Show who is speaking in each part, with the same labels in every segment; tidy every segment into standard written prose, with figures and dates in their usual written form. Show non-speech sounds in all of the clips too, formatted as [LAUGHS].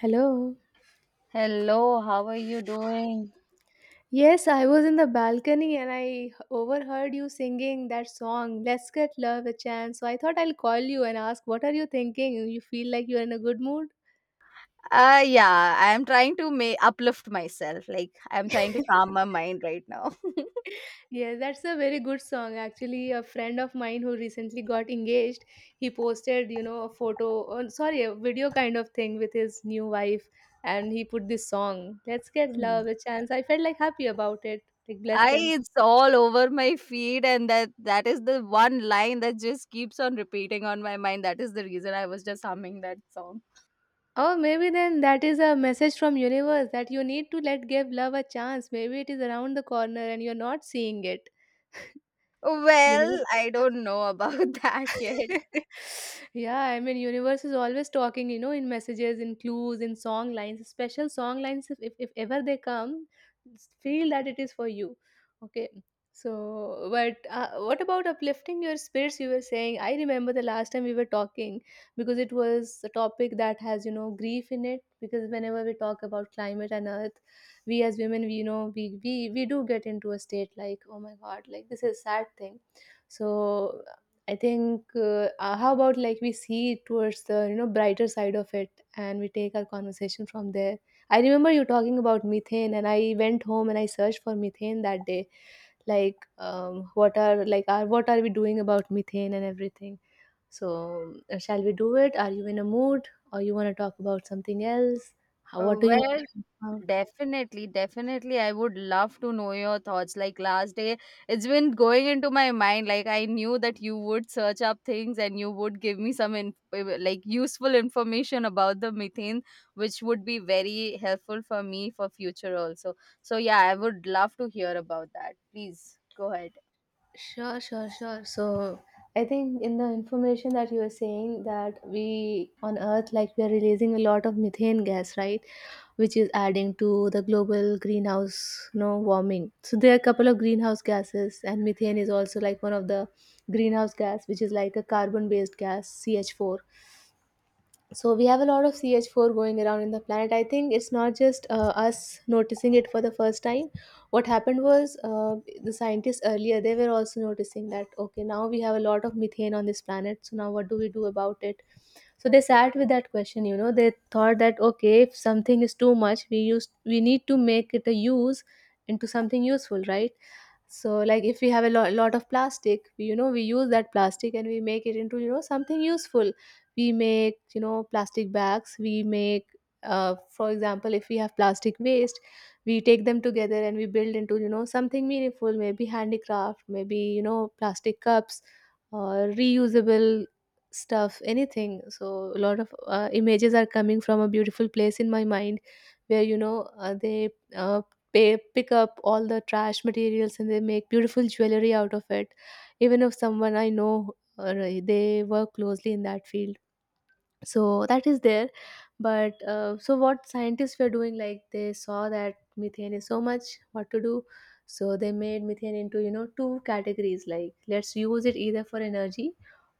Speaker 1: Hello.
Speaker 2: Hello, how are you doing?
Speaker 1: Yes, I was in the balcony and I overheard you singing that song, Let's Get Love a Chance. So I thought I'll call you and ask, what are you thinking? You feel like you're in a good mood?
Speaker 2: Yeah, I'm trying to make uplift myself. Like I'm trying to calm my mind right now.
Speaker 1: Yeah, that's a very good song. Actually, a friend of mine who recently got engaged, he posted, a photo, oh, sorry, a video kind of thing with his new wife, and he put this song, Let's
Speaker 2: [LAUGHS]
Speaker 1: Get
Speaker 2: Hmm.
Speaker 1: Love a Chance. I felt like happy about it. Like, bless
Speaker 2: I
Speaker 1: them.
Speaker 2: It's all over my feed, and that is the one line that just keeps on repeating on my mind. That is the reason I was just humming that song.
Speaker 1: Oh, maybe then that is a message from universe that you need to let give love a chance. Maybe it is around the corner and you're not seeing it. Universe.
Speaker 2: Well, I don't know about [LAUGHS] that yet.
Speaker 1: [LAUGHS] Yeah, I mean, universe is always talking, in messages, in clues, in song lines, special song lines. If ever they come, feel that it is for you. Okay. So, but what about uplifting your spirits? You were saying, I remember the last time we were talking because it was a topic that has, grief in it. Because whenever we talk about climate and earth, we as women, we, you know, we do get into a state like, oh my God, like this is a sad thing, so I think, how about like we see it towards the, brighter side of it, and we take our conversation from there. I remember you talking about methane, and I went home and I searched for methane that day, like, what are, what are we doing about methane and everything. So, shall we do it? Are you in a mood, or you want to talk about something else? How, what do you want
Speaker 2: Well,
Speaker 1: to talk about?
Speaker 2: definitely. I would love to know your thoughts. Like last day, it's been going into my mind. Like I knew that you would search up things and you would give me some like useful information about the methane, which would be very helpful for me for future also. So yeah, I would love to hear about that. Please go ahead.
Speaker 1: Sure, sure, sure. So I think in the information that you were saying that we on Earth, like we are releasing a lot of methane gas, right? Which is adding to the global greenhouse, warming. So there are a couple of greenhouse gases, and methane is also like one of the greenhouse gas, which is like a carbon-based gas, CH4. So we have a lot of CH4 going around in the planet. I think it's not just, us noticing it for the first time. What happened was, the scientists earlier, they were also noticing that, okay, now we have a lot of methane on this planet. So now what do we do about it? So they sat with that question. They thought that, okay, if something is too much, we need to make it a use into something useful, right? So like if we have a lot of plastic, we, you know we use that plastic and we make it into, something useful. We make, plastic bags. We make, for example, if we have plastic waste, we take them together and we build into, something meaningful, maybe handicraft, maybe, plastic cups or reusable stuff, anything. So a lot of, images are coming from a beautiful place in my mind, where, they, uh, pick up all the trash materials, and they make beautiful jewelry out of it. Even if someone I know, they work closely in that field, so that is there. But, so what scientists were doing, like, they saw that methane is so much, what to do, so they made methane into, two categories, like, let's use it either for energy,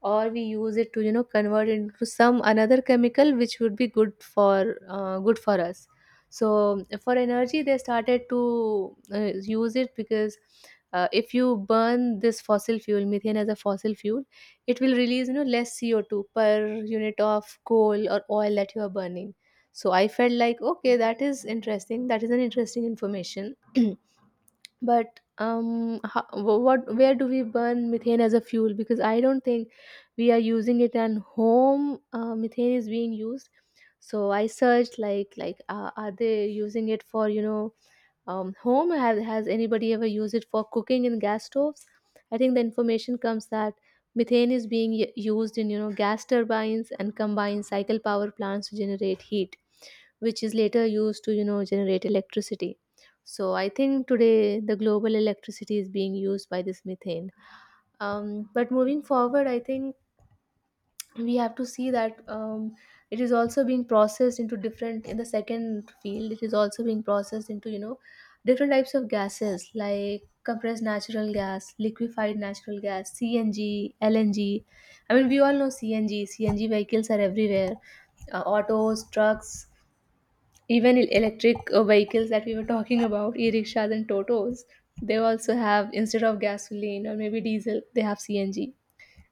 Speaker 1: or we use it to, convert into some another chemical, which would be good for, us. So for energy, they started to, use it because, if you burn this fossil fuel methane as a fossil fuel, it will release, less CO2 per unit of coal or oil that you are burning. So I felt like, okay, that is interesting. That is an interesting information. [CLEARS THROAT] But, how, what where do we burn methane as a fuel? Because I don't think we are using it at home. Methane is being used. So I searched, like, are they using it for, home? Has anybody ever used it for cooking in gas stoves? I think the information comes that methane is being used in, gas turbines and combined cycle power plants to generate heat, which is later used to, generate electricity. So I think today the global electricity is being used by this methane. But moving forward, I think we have to see that, it is also being processed into different in the second field, it is also being processed into, different types of gases like compressed natural gas, liquefied natural gas, CNG, LNG. I mean, we all know CNG vehicles are everywhere. Autos, trucks, even electric, vehicles that we were talking about, e-rickshaws and totos. They also have, instead of gasoline or maybe diesel, they have CNG.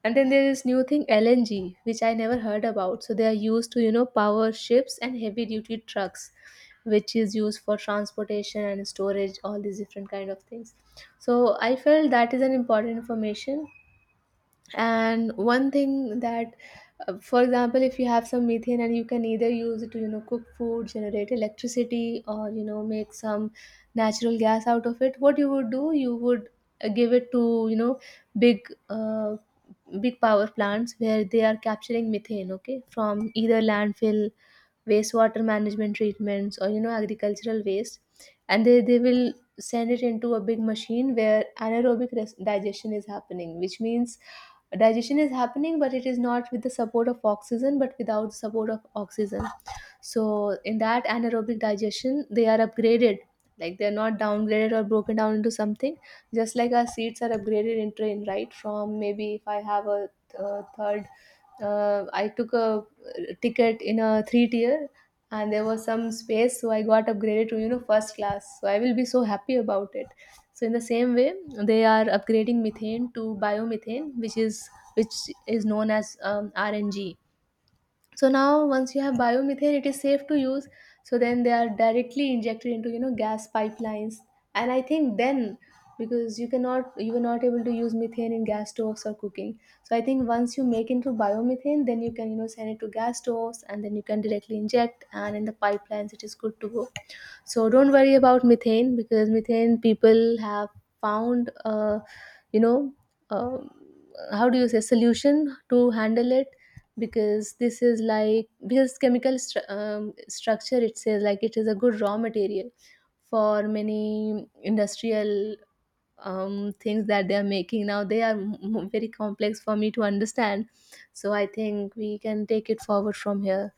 Speaker 1: And then there is new thing LNG, which I never heard about. So they are used to, power ships and heavy duty trucks, which is used for transportation and storage, all these different kind of things. So I felt that is an important information. And one thing that, for example, if you have some methane and you can either use it to, cook food, generate electricity, or, make some natural gas out of it, what you would do, you would give it to, big, power plants where they are capturing methane, okay, from either landfill, wastewater management treatments, or, agricultural waste. And they will send it into a big machine where anaerobic digestion is happening, which means digestion is happening, but it is not with the support of oxygen but without the support of oxygen. So in that anaerobic digestion, they are upgraded, like, they're not downgraded or broken down into something. Just like our seeds are upgraded in train, right, from, maybe if I have a third I took a, ticket in a three tier, and there was some space, so I got upgraded to, first class, so I will be so happy about it. So in the same way, they are upgrading methane to biomethane, which is, which known as, RNG. So now once you have biomethane, it is safe to use. So then they are directly injected into, gas pipelines. And I think then, because you were not able to use methane in gas stoves or cooking. So I think once you make into biomethane, then you can, send it to gas stoves. And then you can directly inject, and in the pipelines, it is good to go. So don't worry about methane, because methane people have found, you know uh, how do you say, solution to handle it. Because this is like, because chemical structure, it says, like, it is a good raw material for many industrial, things that they are making. Now they are, very complex for me to understand. So I think we can take it forward from here.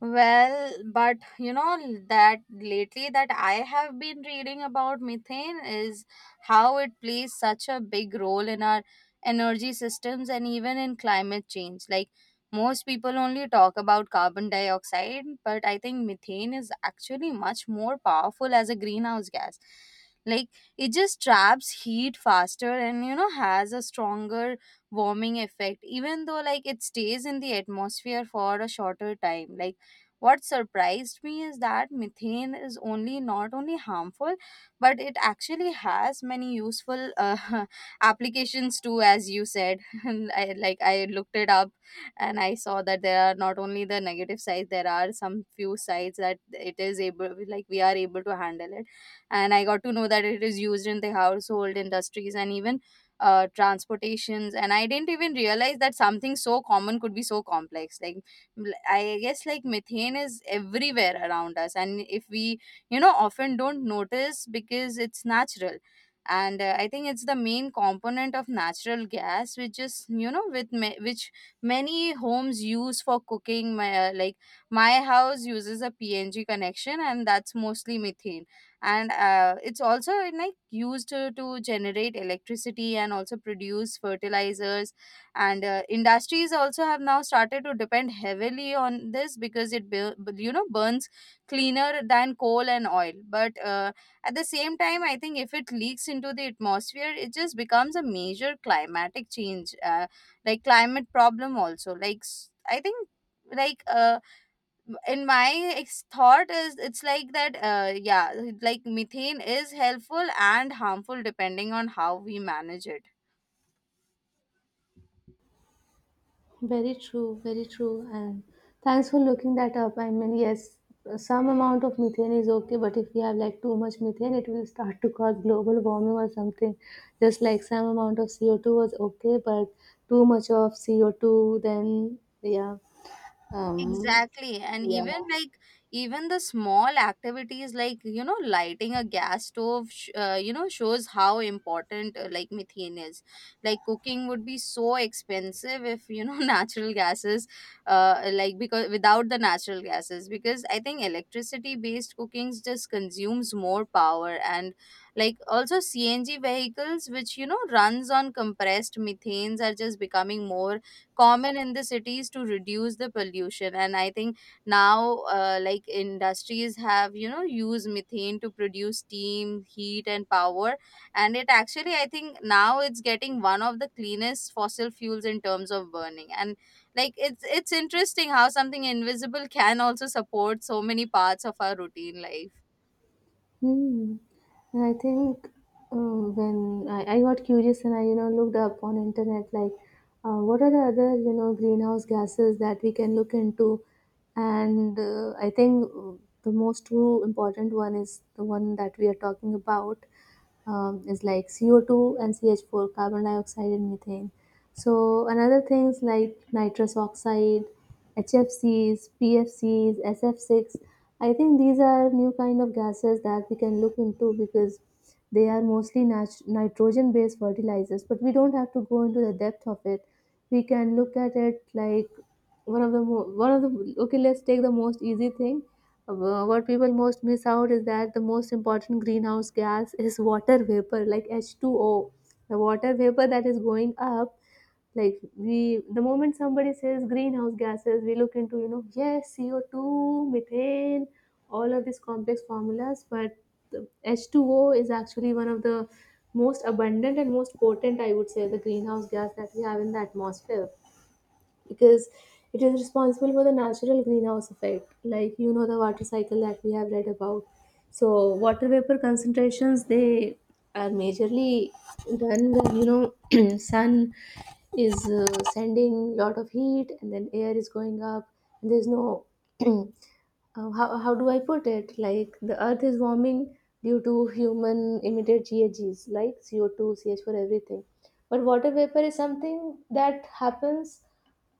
Speaker 2: Well, but you know that lately that I have been reading about methane is how it plays such a big role in our energy systems and even in climate change. Like most people only talk about carbon dioxide, but I think methane is actually much more powerful as a greenhouse gas. Like it just traps heat faster, and you know has a stronger warming effect, even though like it stays in the atmosphere for a shorter time. Like what surprised me is that methane is only not only harmful, but it actually has many useful [LAUGHS] applications too, as you said. [LAUGHS] And like I looked it up, and I saw that there are not only the negative sides, there are some few sides that it is able, like we are able to handle it. And I got to know that it is used in the household industries and even transportations, and I didn't even realize that something so common could be so complex. Like I guess like methane is everywhere around us, and if we, you know, often don't notice because it's natural. And I think it's the main component of natural gas, which is you know which many homes use for cooking. My like my house uses a PNG connection, and that's mostly methane. And it's also like used to generate electricity and also produce fertilizers, and industries also have now started to depend heavily on this because it you know burns cleaner than coal and oil. But at the same time I think if it leaks into the atmosphere it just becomes a major climatic change like climate problem also. Like I think like uh in my thought is it's like that yeah, like methane is helpful and harmful depending on how we manage it.
Speaker 1: Very true, very true. And thanks for looking that up. I mean, yes, some amount of methane is okay, but if we have like too much methane, it will start to cause global warming or something. Just like some amount of CO2 was okay, but too much of CO2, then yeah, um,
Speaker 2: Exactly. And
Speaker 1: yeah.
Speaker 2: even like, even the small activities like, you know, lighting a gas stove, you know, shows how important like methane is. Like, cooking would be so expensive if, you know, [LAUGHS] natural gases, like, because without the natural gases, because I think electricity based cookings just consumes more power. And like, also CNG vehicles, which, you know, runs on compressed methanes, are just becoming more common in the cities to reduce the pollution. And I think now like industries have you know used methane to produce steam, heat and power, and it actually I think now it's getting one of the cleanest fossil fuels in terms of burning. And like it's interesting how something invisible can also support so many parts of our routine life.
Speaker 1: Hmm. And I think, when I got curious and I, looked up on internet, like, what are the other, greenhouse gases that we can look into. And, I think, the most two important one is the one that we are talking about, is like CO2 and CH4, carbon dioxide and methane. So another things like nitrous oxide, HFCs, PFCs, SF6. I think these are new kind of gases that we can look into because they are mostly nitrogen based fertilizers, but we don't have to go into the depth of it. We can look at it like one of the, okay, let's take the most easy thing. What people most miss out is that the most important greenhouse gas is water vapor, like H2O, the water vapor that is going up. Like, we the moment somebody says greenhouse gases, we look into, you know, yes, CO2, methane, all of these complex formulas. But the H2O is actually one of the most abundant and most potent, I would say, the greenhouse gas that we have in the atmosphere, because it is responsible for the natural greenhouse effect, like, you know, the water cycle that we have read about. So water vapor concentrations, they are majorly done when, you know, [CLEARS THROAT] sun is sending lot of heat, and then air is going up, and there's no [CLEARS THROAT] uh, how do I put it, like, the earth is warming due to human emitted GHGs like CO2, CH4, everything, but water vapor is something that happens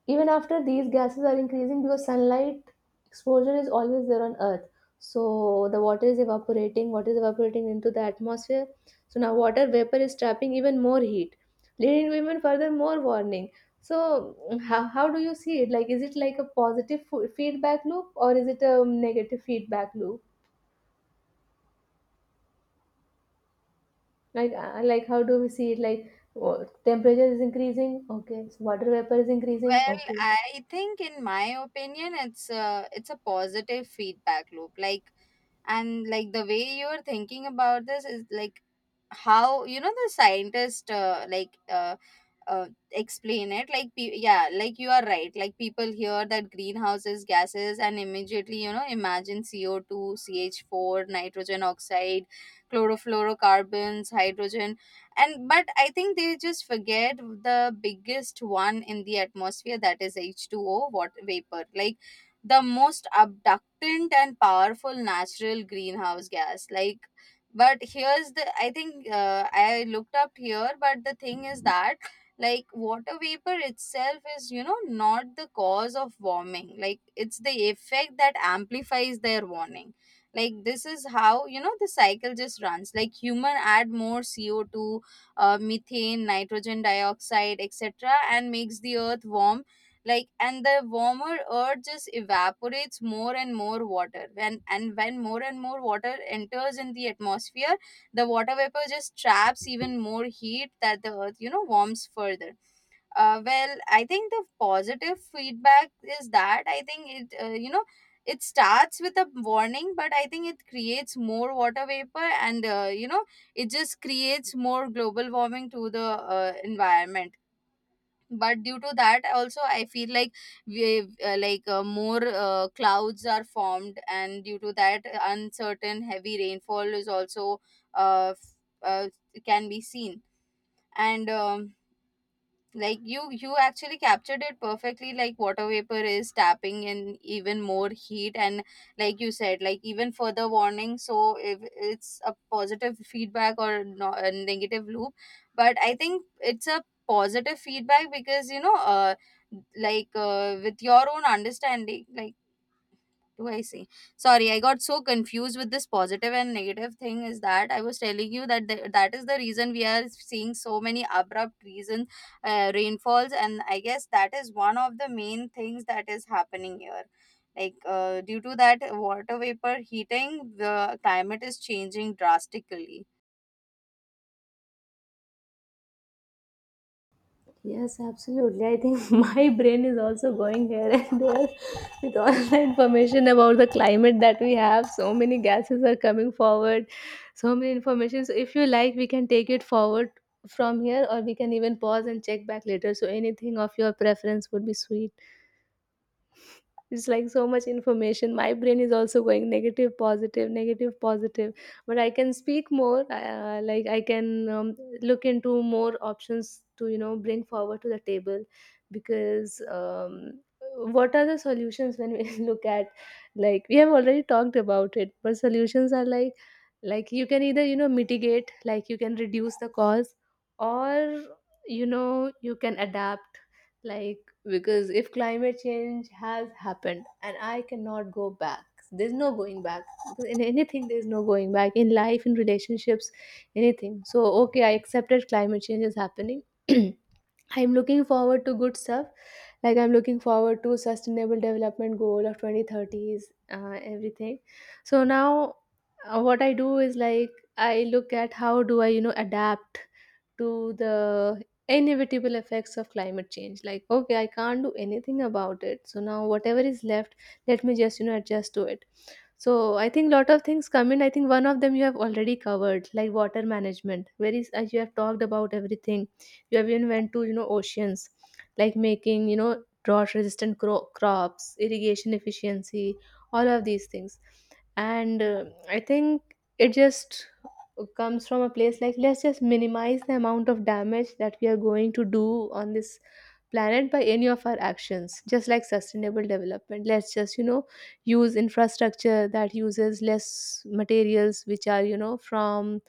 Speaker 1: even after these gases are increasing, because sunlight exposure is always there on earth. So the water is evaporating, water is evaporating into the atmosphere. So now water vapor is trapping even more heat, leading to even further more warning. So, how do you see it, like, is it like a positive feedback loop, or is it a negative feedback loop, like how do we see it, like, oh, temperature is increasing, okay, so water vapor is increasing,
Speaker 2: Well,
Speaker 1: okay.
Speaker 2: I think in my opinion it's a positive feedback loop. Like, and like the way you're thinking about this is like how you know the scientist explain it like yeah, like you are right. Like people hear that greenhouses gases and immediately you know imagine CO2, CH4, nitrogen oxide, chlorofluorocarbons, hydrogen, and but I think they just forget the biggest one in the atmosphere, that is H2O what vapor. Like the most abductant and powerful natural greenhouse gas. Like but here's the I think I looked up here, but the thing is that like water vapor itself is you know not the cause of warming. Like it's the effect that amplifies their warning. Like this is how you know the cycle just runs. Like human add more CO2, methane, nitrogen dioxide, etc, and makes the earth warm. Like, and the warmer earth just evaporates more and more water, when and when more and more water enters in the atmosphere, the water vapor just traps even more heat, that the earth you know warms further. Well I think the positive feedback is that I think it you know it starts with a warning, but I think it creates more water vapor, and you know it just creates more global warming to the environment. But due to that also I feel like we more clouds are formed, and due to that uncertain heavy rainfall is also uh, f- uh, can be seen. And like you actually captured it perfectly. Like water vapor is tapping in even more heat, and like you said like even further warning. So if it's a positive feedback or no, a negative loop, but I think it's a positive feedback because you know with your own understanding, like do I see? Sorry, I got so confused with this positive and negative thing. Is that I was telling you that that is the reason we are seeing so many abrupt reason rainfalls, and I guess that is one of the main things that is happening here. Like due to that water vapor heating, the climate is changing drastically.
Speaker 1: Yes, absolutely. I think [LAUGHS] my brain is also going here and there with all the information about the climate that we have. So many gases are coming forward, so many information. So if you like, we can take it forward from here, or we can even pause and check back later. So anything of your preference would be sweet. It's like so much information. My brain is also going negative, positive, negative, positive. But I can speak more. Like, I can look into more options to, you know, bring forward to the table, because what are the solutions when we [LAUGHS] look at like we have already talked about it. But solutions are like, you can either, you know, mitigate, like you can reduce the cause, or, you know, you can adapt. Like, because if climate change has happened, and I cannot go back, there's no going back, because in anything there's no going back, in life, in relationships, anything. So, okay, I accepted climate change is happening. [CLEARS THROAT] I'm looking forward to good stuff. Like, I'm looking forward to sustainable development goal of 2030s, everything. So now, what I do is like, I look at, how do I, you know, adapt to the inevitable effects of climate change. Like, okay, I can't do anything about it, so now whatever is left, let me just, you know, adjust to it. So I think lot of things come in. I think one of them you have already covered, like water management, where is, as you have talked about everything, you have even went to, you know, oceans, like making, you know, drought resistant crops, irrigation efficiency, all of these things. And I think it just comes from a place, like, let's just minimize the amount of damage that we are going to do on this planet by any of our actions. Just like sustainable development, let's just, you know, use infrastructure that uses less materials which are, you know, from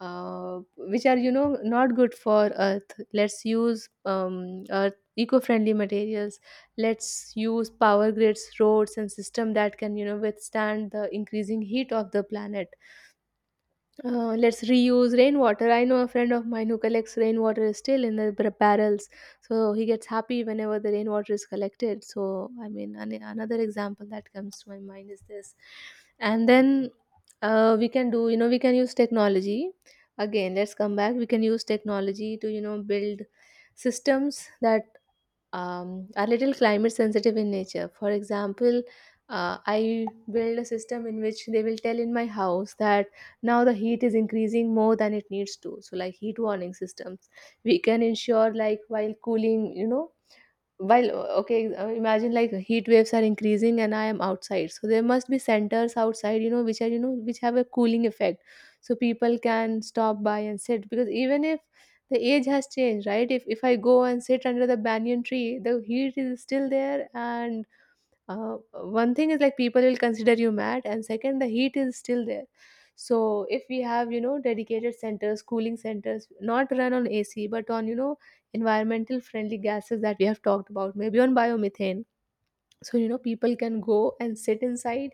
Speaker 1: which are, you know, not good for earth. Let's use earth eco-friendly materials. Let's use power grids, roads and system that can, you know, withstand the increasing heat of the planet. Let's reuse rainwater. I know a friend of mine who collects rainwater still in the barrels, so he gets happy whenever the rainwater is collected. So, I mean, another example that comes to my mind is this. And then we can do, you know, we can use technology. Again, let's come back. We can use technology to, you know, build systems that are little climate sensitive in nature. For example, I build a system in which they will tell in my house that now the heat is increasing more than it needs to. So, like heat warning systems, we can ensure, like, while cooling, you know, while imagine, like, heat waves are increasing and I am outside, so there must be centers outside, you know, which are, you know, which have a cooling effect, so people can stop by and sit, because even if the age has changed, right, if I go and sit under the banyan tree, the heat is still there, and uh, one thing is, like, people will consider you mad, and second, the heat is still there. So if we have, you know, dedicated centers, cooling centers, not run on AC, but on, you know, environmental friendly gases that we have talked about, maybe on biomethane. So, you know, people can go and sit inside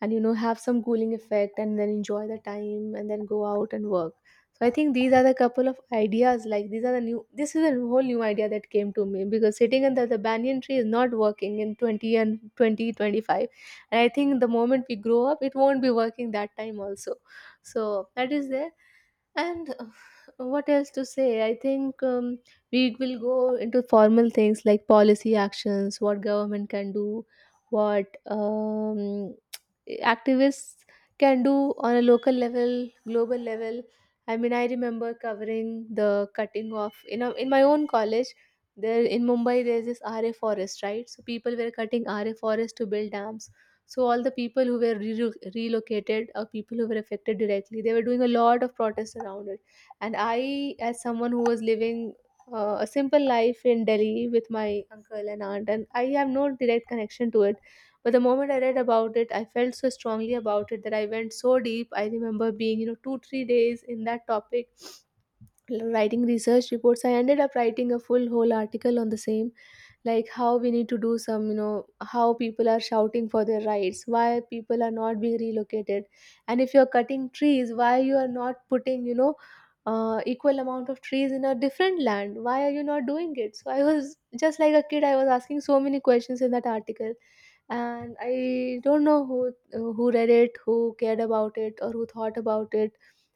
Speaker 1: and, you know, have some cooling effect, and then enjoy the time, and then go out and work. So I think these are the couple of ideas, like, these are the new this is a whole new idea that came to me, because sitting under the banyan tree is not working in 20, and 2025. And I think the moment we grow up, it won't be working that time also. So that is there, and what else to say? I think we will go into formal things like policy actions, what government can do, what activists can do on a local level, global level. I mean, I remember covering the cutting off in in my own college. There in Mumbai, there's this RA forest, right? So people were cutting RA forest to build dams, so all the people who were relocated, or people who were affected directly, they were doing a lot of protests around it. And I, as someone who was living a simple life in Delhi with my uncle and aunt, and I have no direct connection to it. But the moment I read about it, I felt so strongly about it that I went so deep. I remember being, you know, two, three days in that topic, writing research reports. I ended up writing a full whole article on the same, like how we need to do some, you know, how people are shouting for their rights, why people are not being relocated, and if you're cutting trees, why you are not putting, you know, equal amount of trees in a different land, why are you not doing it. So I was just like a kid, I was asking so many questions in that article. And I don't know who read it, who cared about it, or who thought about it,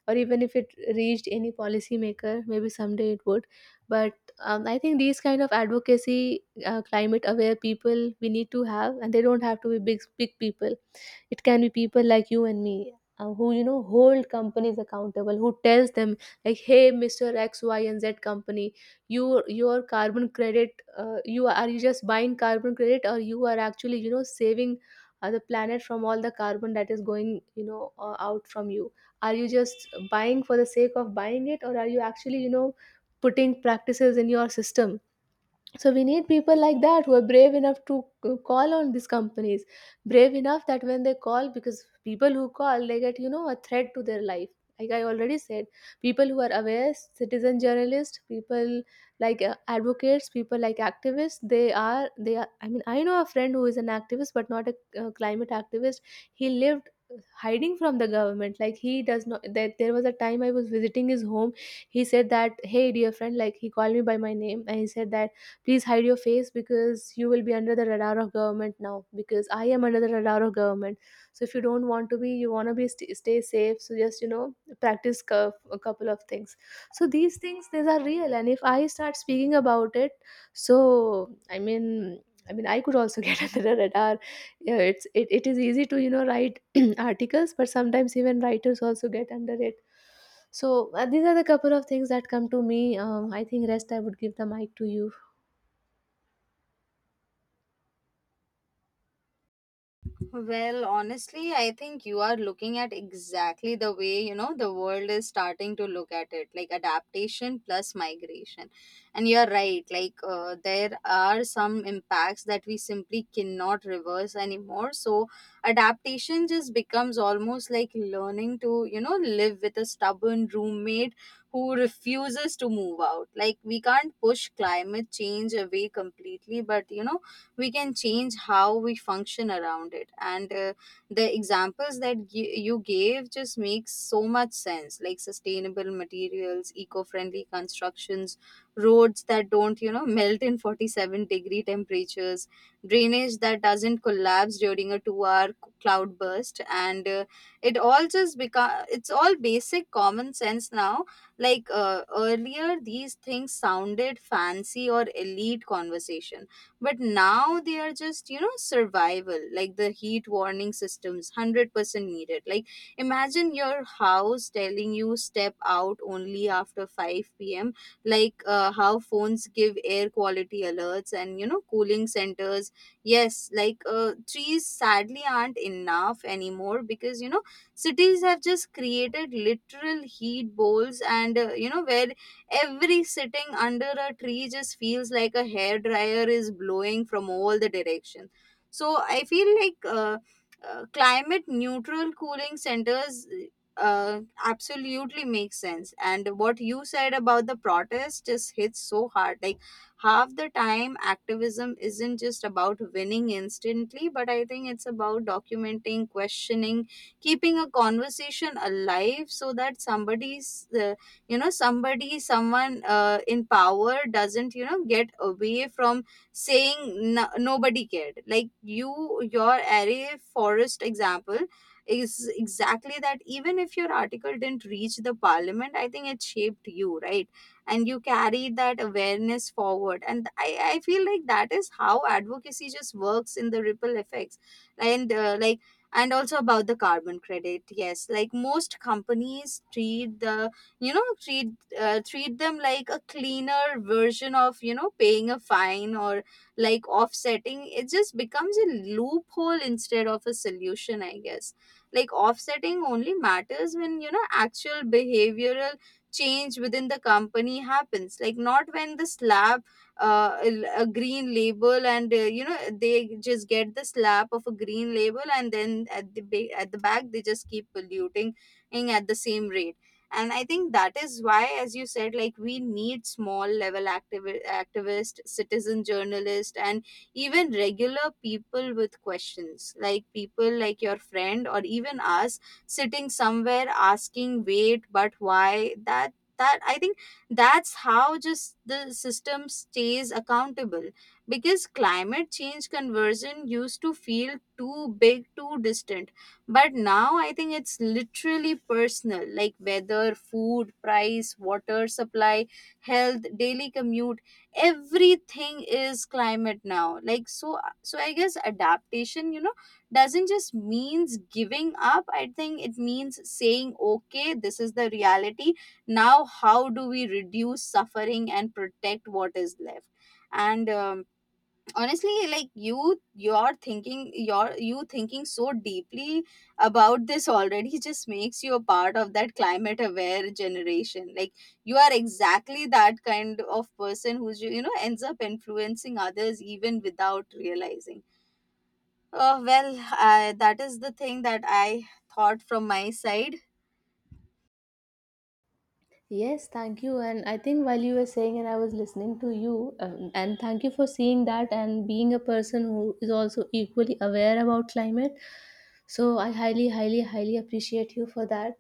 Speaker 1: or even if it reached any policymaker. Maybe someday it would, but I think these kind of advocacy, climate aware people we need to have, and they don't have to be big big people, it can be people like you and me, who, you know, hold companies accountable, who tells them, like, hey, Mr. X Y and Z company, your carbon credit, you just buying carbon credit, or you are actually, you know, saving the planet from all the carbon that is going, you know, out from you. Are you just buying for the sake of buying it, or are you actually, you know, putting practices in your system? So we need people like that who are brave enough to call on these companies, brave enough that when they call, because people who call, they get, you know, a threat to their life, like I already said. People who are aware citizen journalists, people like advocates, people like activists, they are, I mean, I know a friend who is an activist, but not a climate activist. He lived, hiding from the government, like, he does not, that there was a time I was visiting his home, he said that, hey, dear friend, like, he called me by my name and he said that, please hide your face, because you will be under the radar of government now, because I am under the radar of government. So if you don't want to be, you want to be stay safe, so just, you know, practice a couple of things. So these things, these are real, and if I start speaking about it, so, i mean I mean, I could also [LAUGHS] get under the radar. Yeah, it is easy to, you know, write [CLEARS THROAT] articles, but sometimes even writers also get under it. So these are the couple of things that come to me. I think rest I would give the mic to you.
Speaker 2: Well, honestly, I think you are looking at exactly the way, you know, the world is starting to look at it, like adaptation plus migration. And you're right, like there are some impacts that we simply cannot reverse anymore. So adaptation just becomes almost like learning to, you know, live with a stubborn roommate who refuses to move out. Like we can't push climate change away completely, but you know, we can change how we function around it. And the examples that you gave just makes so much sense, like sustainable materials, eco-friendly constructions, roads that don't you know melt in 47-degree temperatures, drainage that doesn't collapse during a 2-hour cloud burst. And it all just become, it's all basic common sense now. Like earlier these things sounded fancy or elite conversation, but now they are just you know survival. Like the heat warning systems, 100% needed. Like imagine your house telling you step out only after 5 p.m. Like how phones give air quality alerts, and you know cooling centers. Yes, like trees sadly aren't enough anymore, because you know cities have just created literal heat bowls. And you know where every sitting under a tree just feels like a hairdryer is blowing from all the directions. So I feel like climate neutral cooling centers absolutely makes sense. And what you said about the protest just hits so hard. Like half the time, activism isn't just about winning instantly, but I think it's about documenting, questioning, keeping a conversation alive, so that somebody's you know somebody someone in power doesn't you know get away from saying no, nobody cared. Like you, your array forest example is exactly that. Even if your article didn't reach the parliament, I think it shaped you right, and you carried that awareness forward. And I feel like that is how advocacy just works in the ripple effects. And and also about the carbon credit, yes like most companies treat the you know treat them like a cleaner version of you know paying a fine. Or like offsetting it just becomes a loophole instead of a solution I guess. Like offsetting only matters when you know actual behavioral change within the company happens. Like not when the slab uh, a a green label, and you know they just get the slab of a green label, and then at at the back they just keep polluting at the same rate. And I think that is why as you said like we need small level activist, citizen journalist, and even regular people with questions, like people like your friend or even us sitting somewhere asking wait but why. That I think that's how just the system stays accountable, because climate change conversion used to feel too big, too distant. But now I think it's literally personal, like weather, food, price, water supply, health, daily commute, everything is climate now. Like so so I guess adaptation, you know, doesn't just means giving up. I think it means saying, okay, this is the reality. Now how do we reduce suffering and protect what is left? And honestly like you thinking so deeply about this already just makes you a part of that climate aware generation. Like you are exactly that kind of person who's you know ends up influencing others even without realizing. Oh well that is the thing that I thought from my side.
Speaker 1: Yes, thank you. And I think while you were saying, and I was listening to you, and thank you for seeing that and being a person who is also equally aware about climate. So I highly, highly, highly appreciate you for that,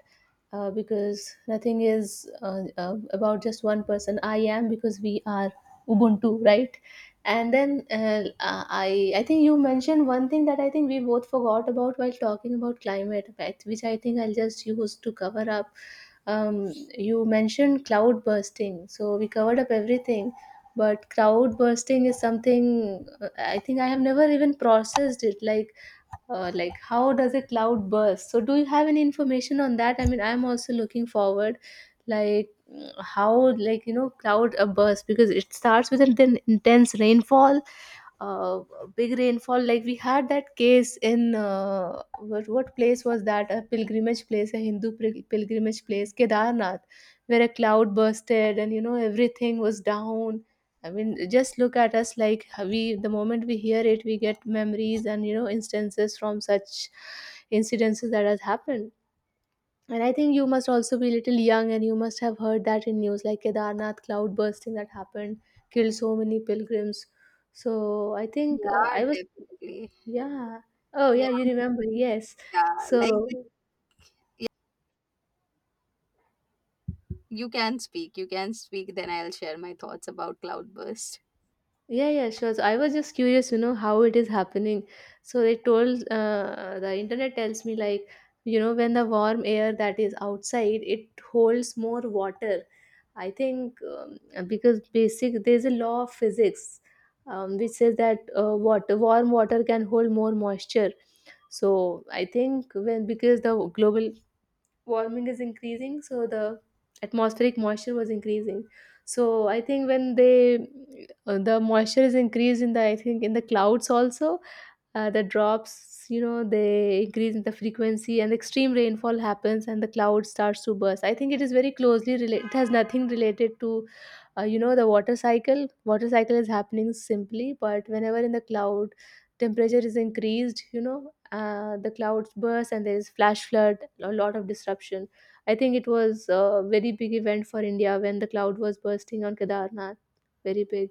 Speaker 1: because nothing is about just one person. I am because we are Ubuntu, right? And then I think you mentioned one thing that I think we both forgot about while talking about climate, right, which I think I'll just use to cover up. You mentioned cloud bursting, so we covered up everything. But cloud bursting is something, I think I have never even processed it, like how does a cloud burst? So do you have any information on that? I mean, I'm also looking forward. Like, how, like, you know, cloud a burst, because it starts with an intense rainfall, uh, big rainfall, like we had that case in what place was that, a pilgrimage place, a Hindu pilgrimage place, Kedarnath, where a cloud bursted and, you know, everything was down. I mean, just look at us, like we the moment we hear it, we get memories and, you know, instances from such incidences that has happened. And I think you must also be a little young and you must have heard that in news, like Kedarnath cloud bursting that happened, killed so many pilgrims. So I think,
Speaker 2: Yeah,
Speaker 1: I was,
Speaker 2: definitely.
Speaker 1: yeah. Oh yeah,
Speaker 2: Yeah.
Speaker 1: you remember. Yes.
Speaker 2: Yeah, like
Speaker 1: So
Speaker 2: you can speak, you can speak, then I'll share my thoughts about cloudburst.
Speaker 1: yeah, yeah, sure. So I was just curious, you know, how it is happening. So they told, the internet tells me, like, you know, when the warm air that is outside, it holds more water. I think, because basic there's a law of physics, which says that, warm water can hold more moisture. So I think when, because the global warming is increasing, so the atmospheric moisture was increasing. So I think when they, the moisture is increased in the, I think, in the clouds also, the drops, you know, they increase in the frequency and extreme rainfall happens, and the cloud starts to burst. I think it is very closely related, it has nothing related to, you know, the water cycle. Water cycle is happening simply, but whenever in the cloud temperature is increased, you know, the clouds burst and there is flash flood, a lot of disruption. I think it was a very big event for India when the cloud was bursting on Kedarnath, very big.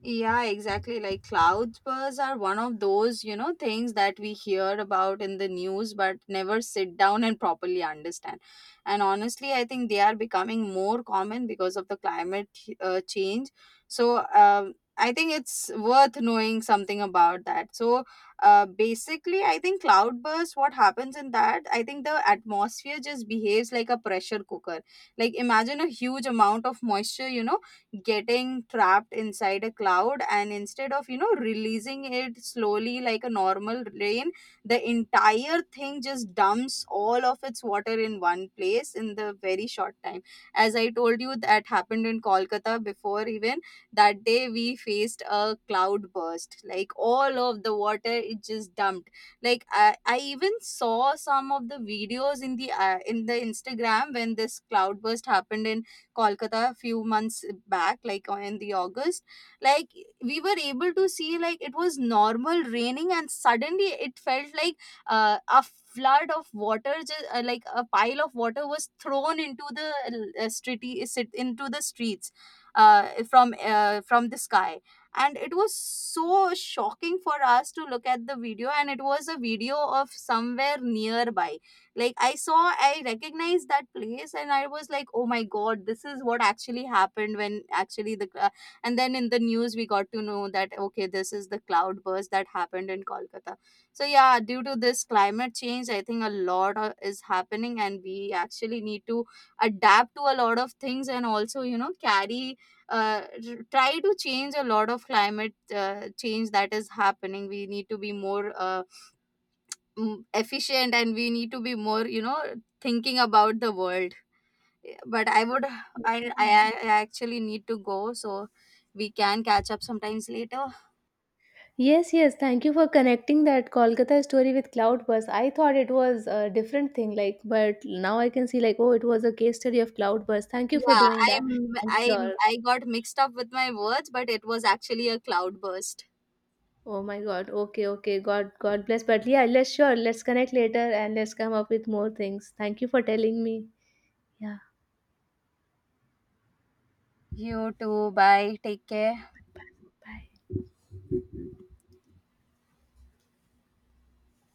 Speaker 2: Yeah, exactly. Like cloud bursts are one of those, you know, things that we hear about in the news but never sit down and properly understand. And honestly, I think they are becoming more common because of the climate change. So, I think it's worth knowing something about that. So, basically, I think cloud bursts, what happens in that, I think the atmosphere just behaves like a pressure cooker. Like, imagine a huge amount of moisture, you know getting trapped inside a cloud, and instead of you know releasing it slowly like a normal rain, the entire thing just dumps all of its water in one place in the very short time. As I told you that happened in kolkata before, even that day we faced a cloud burst. Like all of the water it just dumped, like I even saw some of the videos in the instagram when this cloud burst happened in Kolkata a few months back, like in the August, like we were able to see like it was normal raining, and suddenly it felt like a flood of water, like a pile of water was thrown into the uh, street, into the streets from the sky. And it was so shocking for us to look at the video, and it was a video of somewhere nearby. Like I saw, I recognized that place, and I was like, "Oh my god, this is what actually happened when actually the. And then in the news, we got to know that okay, this is the cloud burst that happened in Kolkata. So yeah, due to this climate change, I think a lot of- is happening, and we actually need to adapt to a lot of things, and also you know carry try to change a lot of climate change that is happening. We need to be more efficient, and we need to be more you know thinking about the world. But I would
Speaker 1: Yeah.
Speaker 2: I actually need to go, so we can catch up sometimes later.
Speaker 1: Yes, yes. Thank you for connecting that Kolkata story with Cloudburst. I thought it was a different thing, like, but now I can see, like, oh, it was a case study of Cloudburst. Thank you for
Speaker 2: Yeah,
Speaker 1: doing that. And
Speaker 2: i'm
Speaker 1: sure.
Speaker 2: I got mixed up with my words, but it was actually a cloud burst.
Speaker 1: Oh my God. Okay, okay. God, God bless. But yeah, let's sure. Let's connect later, and let's come up with more things. Thank you for telling me. Yeah.
Speaker 2: You too, bye, take care.
Speaker 1: Bye.